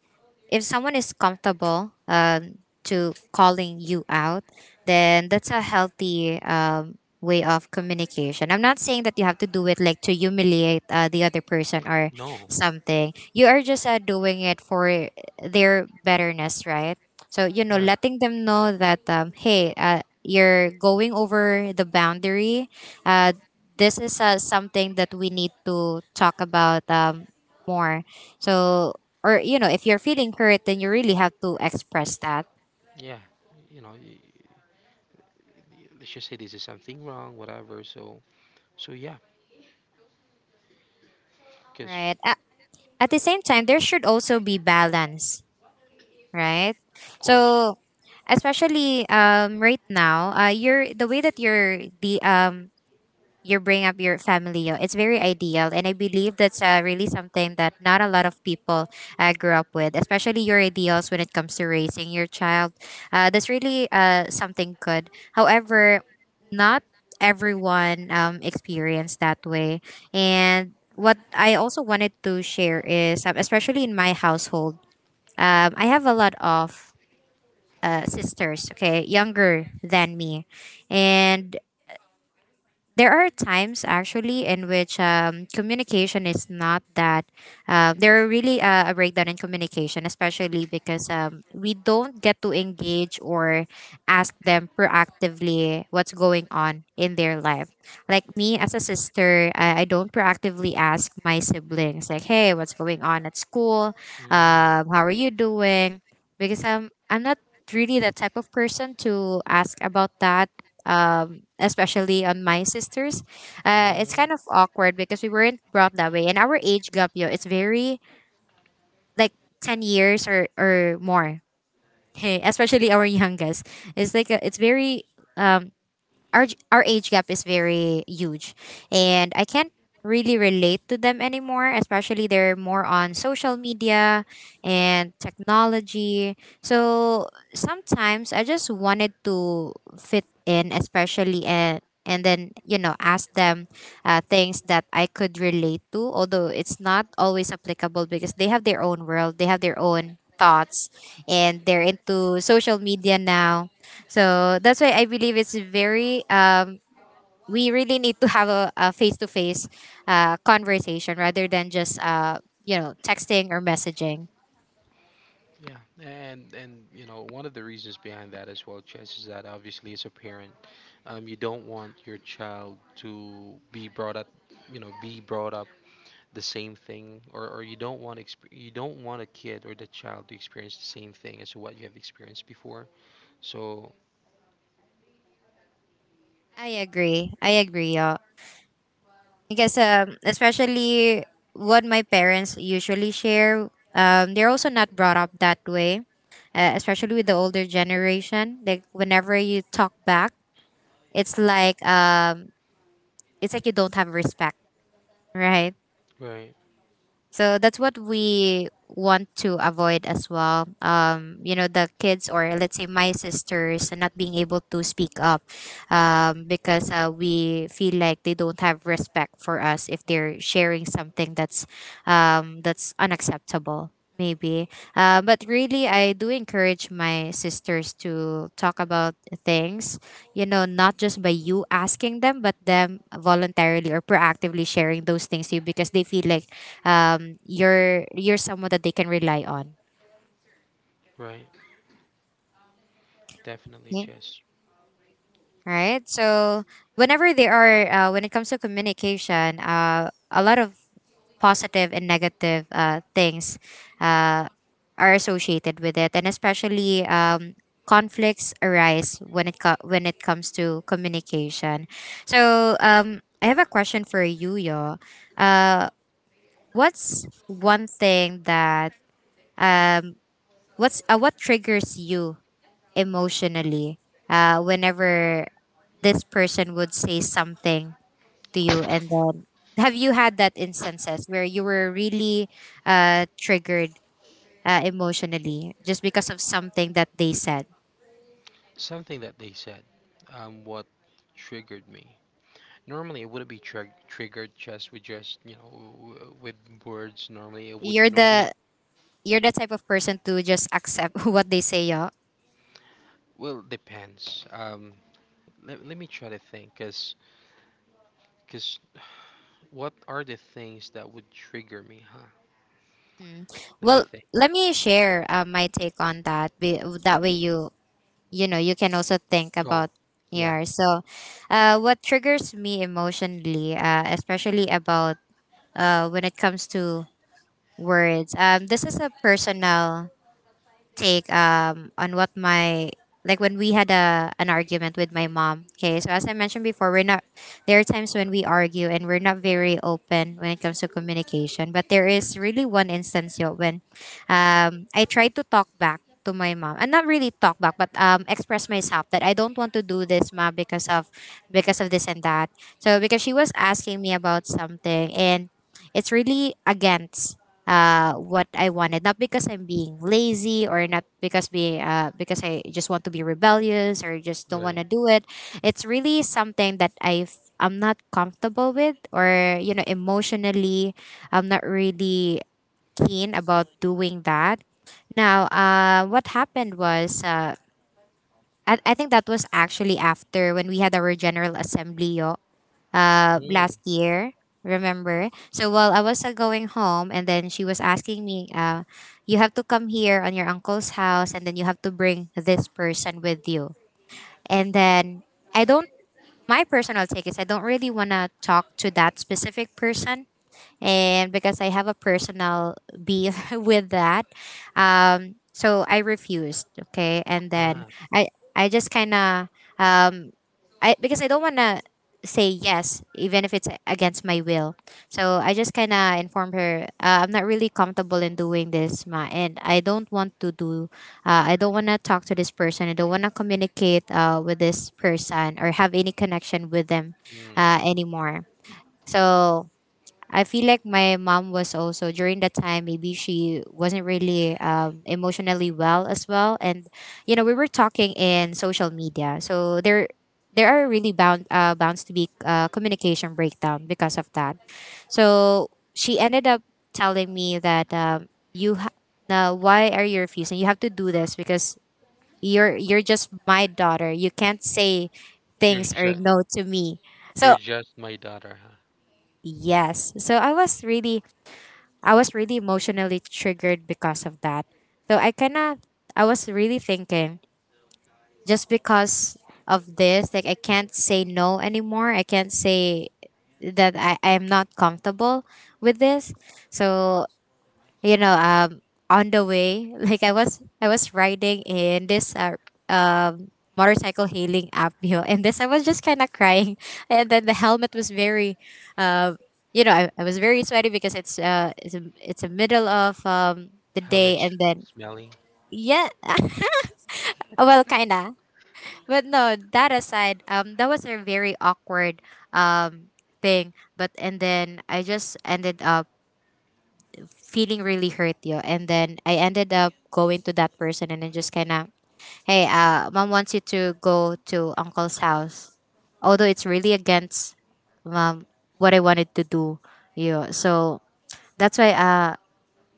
if someone is comfortable um, to calling you out, then that's a healthy um, way of communication. I'm not saying that you have to do it like to humiliate uh, the other person or No, something. You are just uh, doing it for their betterness, right? So, you know, right. letting them know that, um, hey, uh, you're going over the boundary. Uh, this is uh, something that we need to talk about um, more. So, or you know, if you're feeling hurt, then you really have to express that, Yeah. You know, y- y- let's just say this is something wrong, whatever. So, so yeah. Because right? At, at the same time, there should also be balance, right? of course. So especially um right now, uh you're the way that you're the um you bring up your family. Oh, it's very ideal, and I believe that's uh, really something that not a lot of people uh, grew up with, especially your ideals when it comes to raising your child. Uh, that's really uh, something good. However, not everyone um, experienced that way, and what I also wanted to share is, um, especially in my household, um, I have a lot of. Uh, sisters, okay, younger than me, and there are times actually in which um, communication is not that uh, there are really uh, a breakdown in communication, especially because um, we don't get to engage or ask them proactively what's going on in their life. Like me as a sister, i, I don't proactively ask my siblings like hey, what's going on at school, um, Mm, how are you doing? Because um, I'm not really the type of person to ask about that, um, especially on my sisters. Uh, it's mm, kind of awkward because we weren't brought that way. And our age gap, yo, it's very like ten years or, or more. Hey, especially our youngest. It's like a, it's very um, our g- our age gap is very huge, and I can't really relate to them anymore, especially they're more on social media and technology. So sometimes I just wanted to fit in especially, and and then you know, ask them uh, things that I could relate to, although it's not always applicable because they have their own world, they have their own thoughts, and they're into social media now. So that's why I believe it's very um we really need to have a, a face-to-face uh, conversation rather than just uh you know, texting or messaging. yeah, and and you know, one of the reasons behind that as well, Chess, is that obviously, as a parent, um, you don't want your child to be brought up, you know, be brought up the same thing, or, or you don't want exp- you don't want a kid or the child to experience the same thing as what you have experienced before. So, I agree. I agree. Y'all. I guess um especially what my parents usually share, um they're also not brought up that way. Uh, especially with the older generation, like whenever you talk back, it's like um it's like you don't have respect, right? right, So that's what we want to avoid as well. Um, you know, the kids or let's say my sisters not being able to speak up, um, because uh, we feel like they don't have respect for us if they're sharing something that's um, that's unacceptable. Maybe, uh, but really, I do encourage my sisters to talk about things. You know, not just by you asking them, but them voluntarily or proactively sharing those things to you because they feel like um, you're you're someone that they can rely on. right. Definitely, Yeah. Chess. Right. So whenever they are, uh, when it comes to communication, uh, a lot of positive and negative uh, things uh, are associated with it, and especially um, conflicts arise when it co- when it comes to communication. So um, I have a question for you, Yo. Uh, what's one thing that um, what's uh, what triggers you emotionally uh, whenever this person would say something to you, and then have you had that instances where you were really uh, triggered uh, emotionally just because of something that they said? Something that they said. Um, what triggered me. Normally, it wouldn't be trig triggered just with just, you know, w- w- with words. Normally, it would you're normally, the you're the type of person to just accept what they say, yeah. well, depends. Um, let, let me try to think, cause 'cause what are the things that would trigger me, huh? Mm. Let me Well, think. let me share uh, my take on that, be, that way you you know, you can also think Go. about Yeah. your so. Uh, what triggers me emotionally, uh especially about uh when it comes to words, um this is a personal take um on what my, like when we had a an argument with my mom. Okay, so as I mentioned before, we're not, there are times when we argue and we're not very open when it comes to communication. But there is really one instance, yo, when um I tried to talk back to my mom, and not really talk back, but um express myself that I don't want to do this, ma, because of, because of this and that. So because she was asking me about something, and it's really against uh, what I wanted, not because I'm being lazy or not because be uh, because I just want to be rebellious or just don't want to Right. do it. It's really something that I I'm not comfortable with, or you know, emotionally, I'm not really keen about doing that. Now, uh, what happened was, uh, I, I think that was actually after when we had our general assembly uh, Mm. last year. Remember? So while I was uh, going home, and then she was asking me, uh, "You have to come here on your uncle's house, and then you have to bring this person with you." And then I don't. My personal take is I don't really wanna talk to that specific person, and because I have a personal beef with that, um, so I refused. Okay, and then Ah. I I just kind of um I because I don't want to say yes even if it's against my will. So I just kind of informed her uh, I'm not really comfortable in doing this, ma, and I don't want to do. Uh, I don't want to talk to this person. I don't want to communicate uh, with this person or have any connection with them Mm. uh, anymore. So I feel like my mom was also during that time maybe she wasn't really um, emotionally well as well, and you know we were talking in social media so there there are really bound uh, bounds to be uh, communication breakdown because of that, so she ended up telling me that um, you ha- now why are you refusing, you have to do this because you're you're just my daughter, you can't say You're things or just no to me. So you're just my daughter, huh? yes, so I was really, I was really emotionally triggered because of that. So I kind of, I was really thinking just because of this, like I can't say no anymore. I can't say that I, I am not comfortable with this. So you know um on the way like i was i was riding in this uh, um motorcycle hailing app you know and this I was just kind of crying and then the helmet was very um you know, I, I was very sweaty because it's uh it's a, it's a middle of um the day, Helmet's and then smelly. yeah, well kinda, but no, that aside, um that was a very awkward um thing. But and then I just ended up feeling really hurt, yo. And then I ended up going to that person and then just kind of hey, uh mom wants you to go to uncle's house, although it's really against um, what I wanted to do, yo. So that's why uh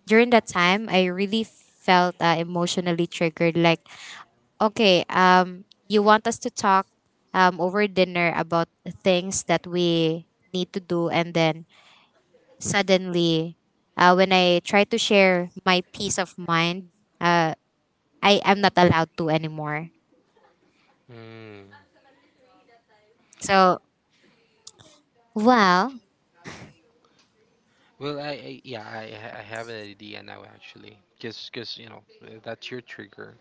during that time I really felt uh, emotionally triggered like, okay, um you want us to talk um over dinner about things that we need to do, and then suddenly, uh, when I try to share my peace of mind, uh, I am not allowed to anymore. Mm. So, well, Well, I, I, yeah, I ha- I have an idea now, actually, because because you know, uh, that's your trigger.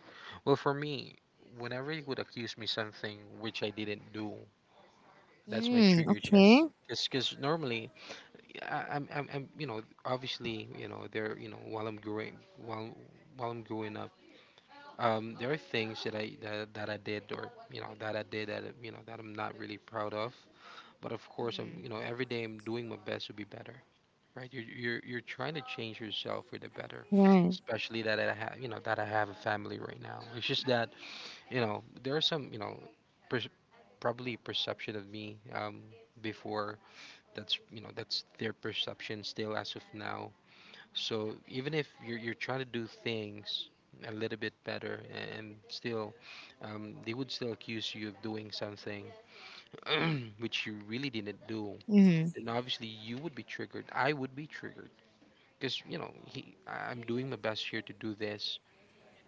Well, for me, whenever you would accuse me something which I didn't do, that's my mm, trigger, Chess. okay. Because normally, I, I'm, I'm I'm you know, obviously you know, there you know, while I'm growing while while I'm growing up, um, there are things that I that, that I did, or you know that I did, that you know that I'm not really proud of. But of course, I'm, Hmm. you know, every day I'm doing my best to be better. Right, you're you're you're trying to change yourself for the better, Right. especially that I have, you know, that I have a family right now. It's just that, you know, there are some, you know, per- probably perception of me, um, before, that's, you know, that's their perception still as of now. So even if you're you're trying to do things a little bit better and still, um, they would still accuse you of doing something which you really didn't do, Hmm. then obviously you would be triggered. I would be triggered because you know, he, I- I'm doing my best here to do this,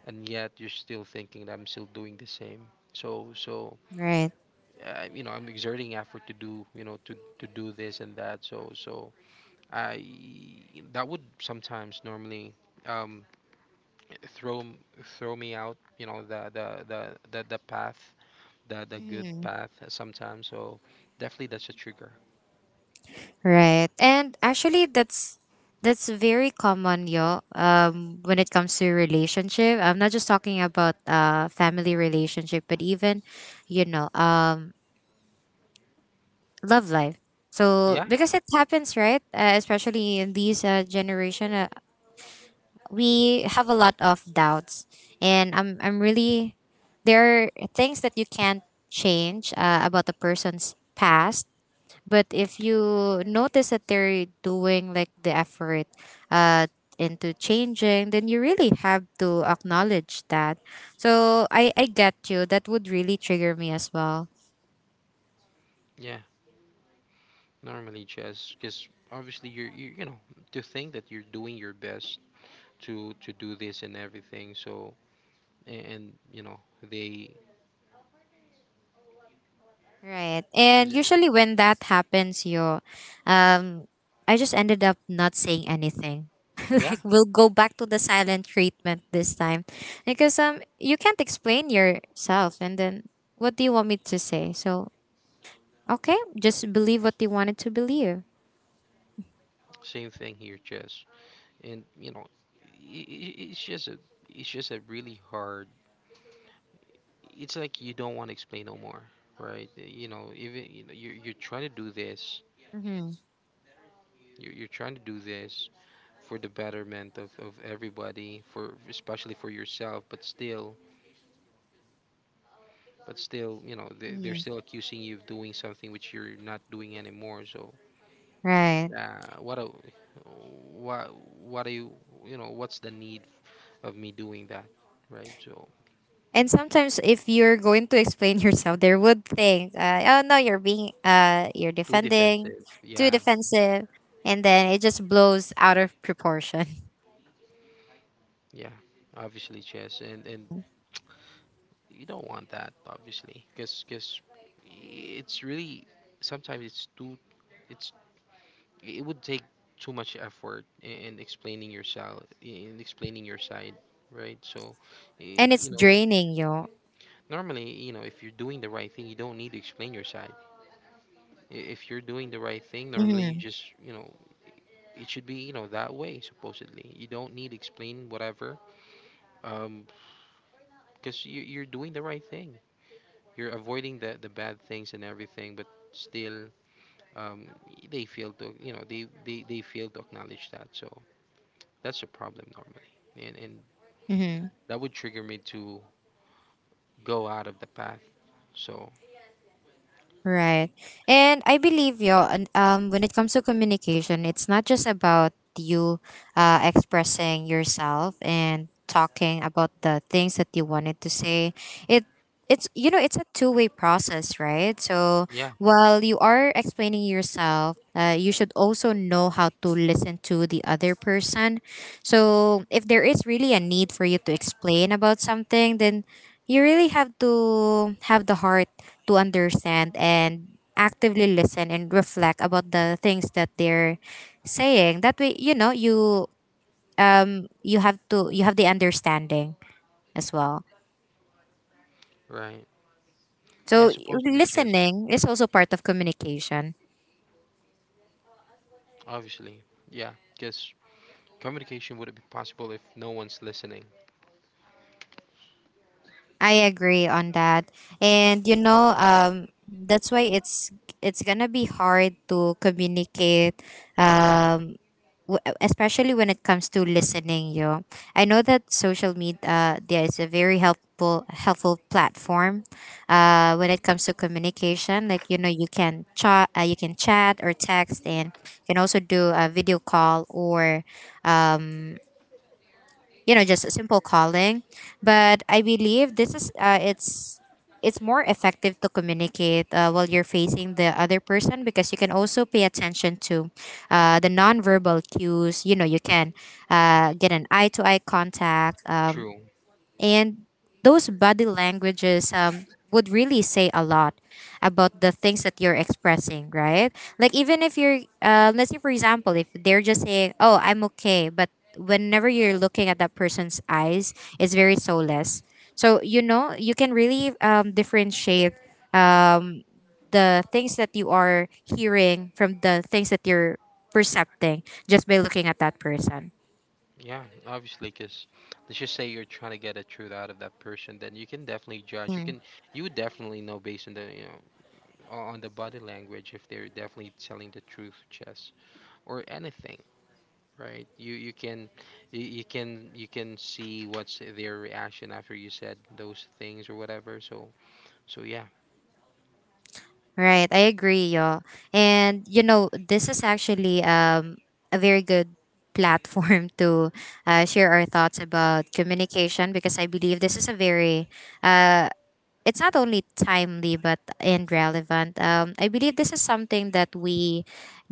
and yet you're still thinking that I'm still doing the same. So so Right. uh, you know, I'm exerting effort to do, you know, to to do this and that. So so I, that would sometimes normally, um, throw m- throw me out. You know, the the the the, the path, the the good Hmm. path sometimes. So definitely that's a trigger. Right. And actually, that's that's very common, yo. Um, when it comes to relationship, I'm not just talking about uh family relationship, but even, you know, um, love life. So Yeah, because it happens, right? Uh, especially in these uh, generation, uh, we have a lot of doubts, and I'm I'm really, there are things that you can't change uh, about a person's past. But if you notice that they're doing like the effort uh, into changing, then you really have to acknowledge that. So I, I get you. That would really trigger me as well. yeah, normally, just because obviously you're, you, you know, to think that you're doing your best to to do this and everything. So and, and you know they Right. is And it- usually when that happens, you um I just ended up not saying anything. yeah, Like we'll go back to the silent treatment this time. Because um you can't explain yourself, and then what do you want me to say? So okay, just believe what you wanted to believe. same thing here, Jess. And you know, I I it's just a, it's just a really hard. It's like you don't want to explain no more, right? Uh, you know, even you know, you're, you're trying to do this. Mm-hmm. You're, you're trying to do this for the betterment of, of everybody, for especially for yourself, but still, but still, you know, they, they're still accusing you of doing something which you're not doing anymore. So Right. uh, what a, what what are you, you know, what's the need of me doing that, right? So And sometimes, if you're going to explain yourself, they would think, uh, "Oh no, you're being, uh, you're too defending, defensive, too yeah, defensive," and then it just blows out of proportion, yeah, obviously, Chess. And and you don't want that obviously, because because it's really sometimes it's too, it's it would take too much effort i- in explaining yourself, in explaining your side, right? So i- and it's you know, draining you. normally, you know, if you're doing the right thing, you don't need to explain your side. I- If you're doing the right thing, normally you Mm-hmm. just, you know, it should be, you know, that way, supposedly. You don't need explain whatever, um, because you, you're doing the right thing. You're avoiding the, the bad things and everything, but still, um, they fail to, you know, they, they, they fail to acknowledge that. So that's a problem normally. And, and Mm-hmm. that would trigger me to go out of the path. So, Right. And I believe you, um when it comes to communication, it's not just about you uh, expressing yourself and talking about the things that you wanted to say. It it's you know, it's a two-way process, right? So yeah, while you are explaining yourself, uh, you should also know how to listen to the other person. So if there is really a need for you to explain about something, then you really have to have the heart to understand and actively listen and reflect about the things that they're saying. That way, you know, you um you have to, you have the understanding as well. right. Yeah, So supposedly, Chess, listening is also part of communication. obviously. Yeah, because communication wouldn't be possible if no one's listening. I agree on that. And you know, um that's why it's it's gonna be hard to communicate, um w- especially when it comes to listening, yo. I know that social media, yeah, is a very helpful helpful platform uh, when it comes to communication. Like you know you can chat, uh, you can chat or text, and you can also do a video call, or um you know just a simple calling. But I believe this is uh, it's it's more effective to communicate uh, while you're facing the other person, because you can also pay attention to uh, the nonverbal cues. You know you can uh, get an eye-to-eye contact, um, True. and those body languages um, would really say a lot about the things that you're expressing, right? Like, even if you're, uh, let's say, for example, if they're just saying, oh, I'm okay, but whenever you're looking at that person's eyes, it's very soulless. So, you know, you can really um, differentiate um, the things that you are hearing from the things that you're percepting, just by looking at that person. Yeah, obviously, because let's just say you're trying to get a truth out of that person, then you can definitely judge. You can, you would definitely know based on the, you know, o- on the body language if they're definitely telling the truth, Chess, or anything, right? You you can, you, you can, you can see what's their reaction after you said those things or whatever. So so yeah, Right, I agree, y'all. And you know, this is actually um a very good platform to uh, share our thoughts about communication, because I believe this is a very uh it's not only timely but and relevant. Um, I believe this is something that we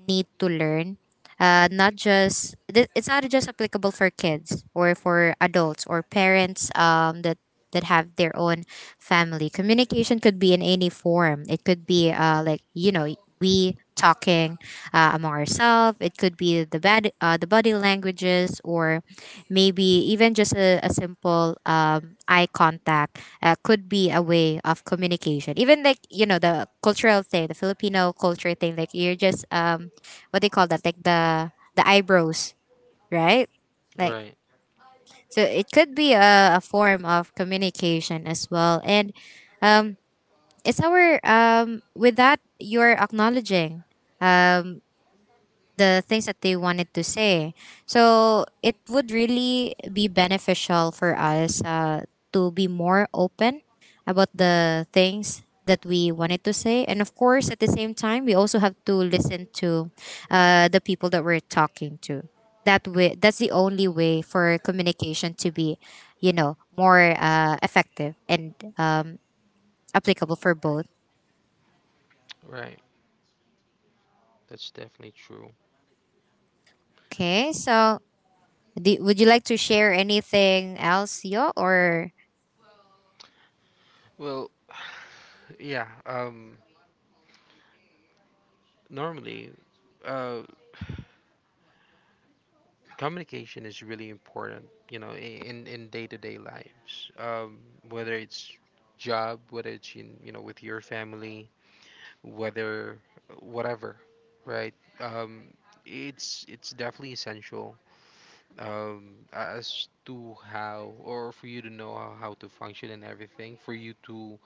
need to learn. Uh, not just th- It's not just applicable for kids or for adults or parents um, that that have their own family. Communication could be in any form. It could be uh, like you know we talking uh, among ourselves. It could be the bad uh, the body languages, or maybe even just a, a simple um, eye contact uh, could be a way of communication. Even like you know the cultural thing, the Filipino culture thing. Like you're just um, what they call that? Like the the eyebrows, right? Like, right, so, it could be a, a form of communication as well. And um, it's our um with that you're acknowledging um the things that they wanted to say. So it would really be beneficial for us uh, to be more open about the things that we wanted to say. And of course, at the same time, we also have to listen to uh, the people that we're talking to. That way, that's the only way for communication to be, you know, more uh, effective and um, applicable for both. right. That's definitely true. Okay, so do, would you like to share anything else, Yo, or Well, yeah. Um, normally. Uh. Communication is really important, you know, i- in in day-to-day lives, um, whether it's job, whether it's, in you know, with your family, whether whatever, right? Um, it's it's definitely essential, um, as to how, or for you to know how, how to function and everything, for you to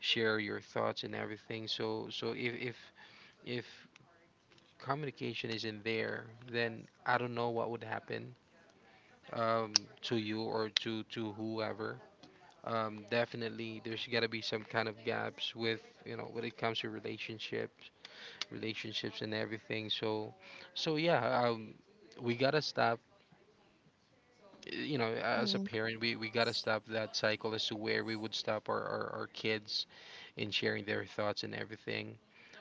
share your thoughts and everything. So so if if if communication isn't there, then I don't know what would happen, um, to you, or to to whoever. Um, definitely there's got to be some kind of gaps with, you know, when it comes to relationships, relationships and everything. So, so yeah, um, we gotta stop. You know, as a hmm parent, we we gotta stop that cycle, as to where we would stop our our, our kids in sharing their thoughts and everything.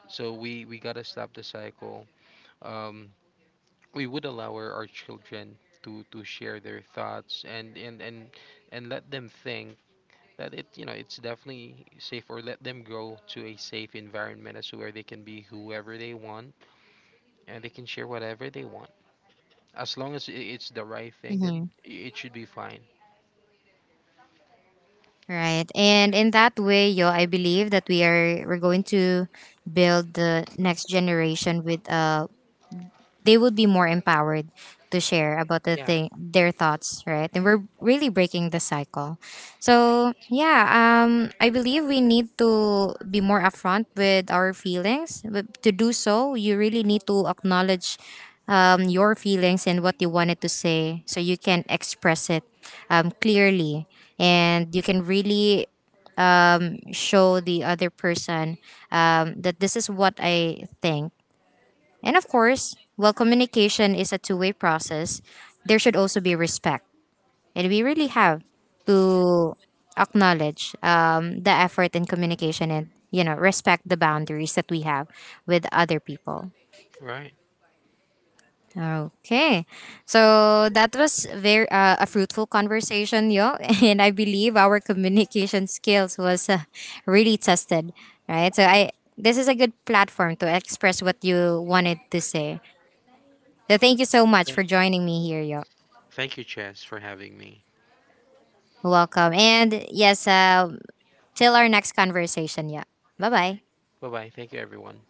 So we we gotta stop the cycle. Um, we would allow our, our children to to share their thoughts, and and and and let them think that, it you know, it's definitely safe, or let them grow to a safe environment, as to where they can be whoever they want, and they can share whatever they want, as long as i- it's the right thing, then hmm. i- it should be fine. Right. And in that way, yo, I believe that we are, we're going to build the next generation with uh they would be more empowered to Yeah, share about the yeah, thing their thoughts, right? And we're really breaking the cycle. So yeah, um I believe we need to be more upfront with our feelings, but to do so you really need to acknowledge um, your feelings and what you wanted to say, so you can express it um, clearly, and you can really um, show the other person um, that this is what I think. And of course, while communication is a two way process, there should also be respect. And we really have to acknowledge um, the effort in communication and, you know, respect the boundaries that we have with other people. right. Okay, so that was very uh, a fruitful conversation, yo, and I believe our communication skills was uh, really tested, right? So I this is a good platform to express what you wanted to say. So thank you so much thank, for joining me here, yo. Thank you, Chess, for having me. Welcome. And yes, uh, till our next conversation, yeah. Bye bye. Bye bye, thank you everyone.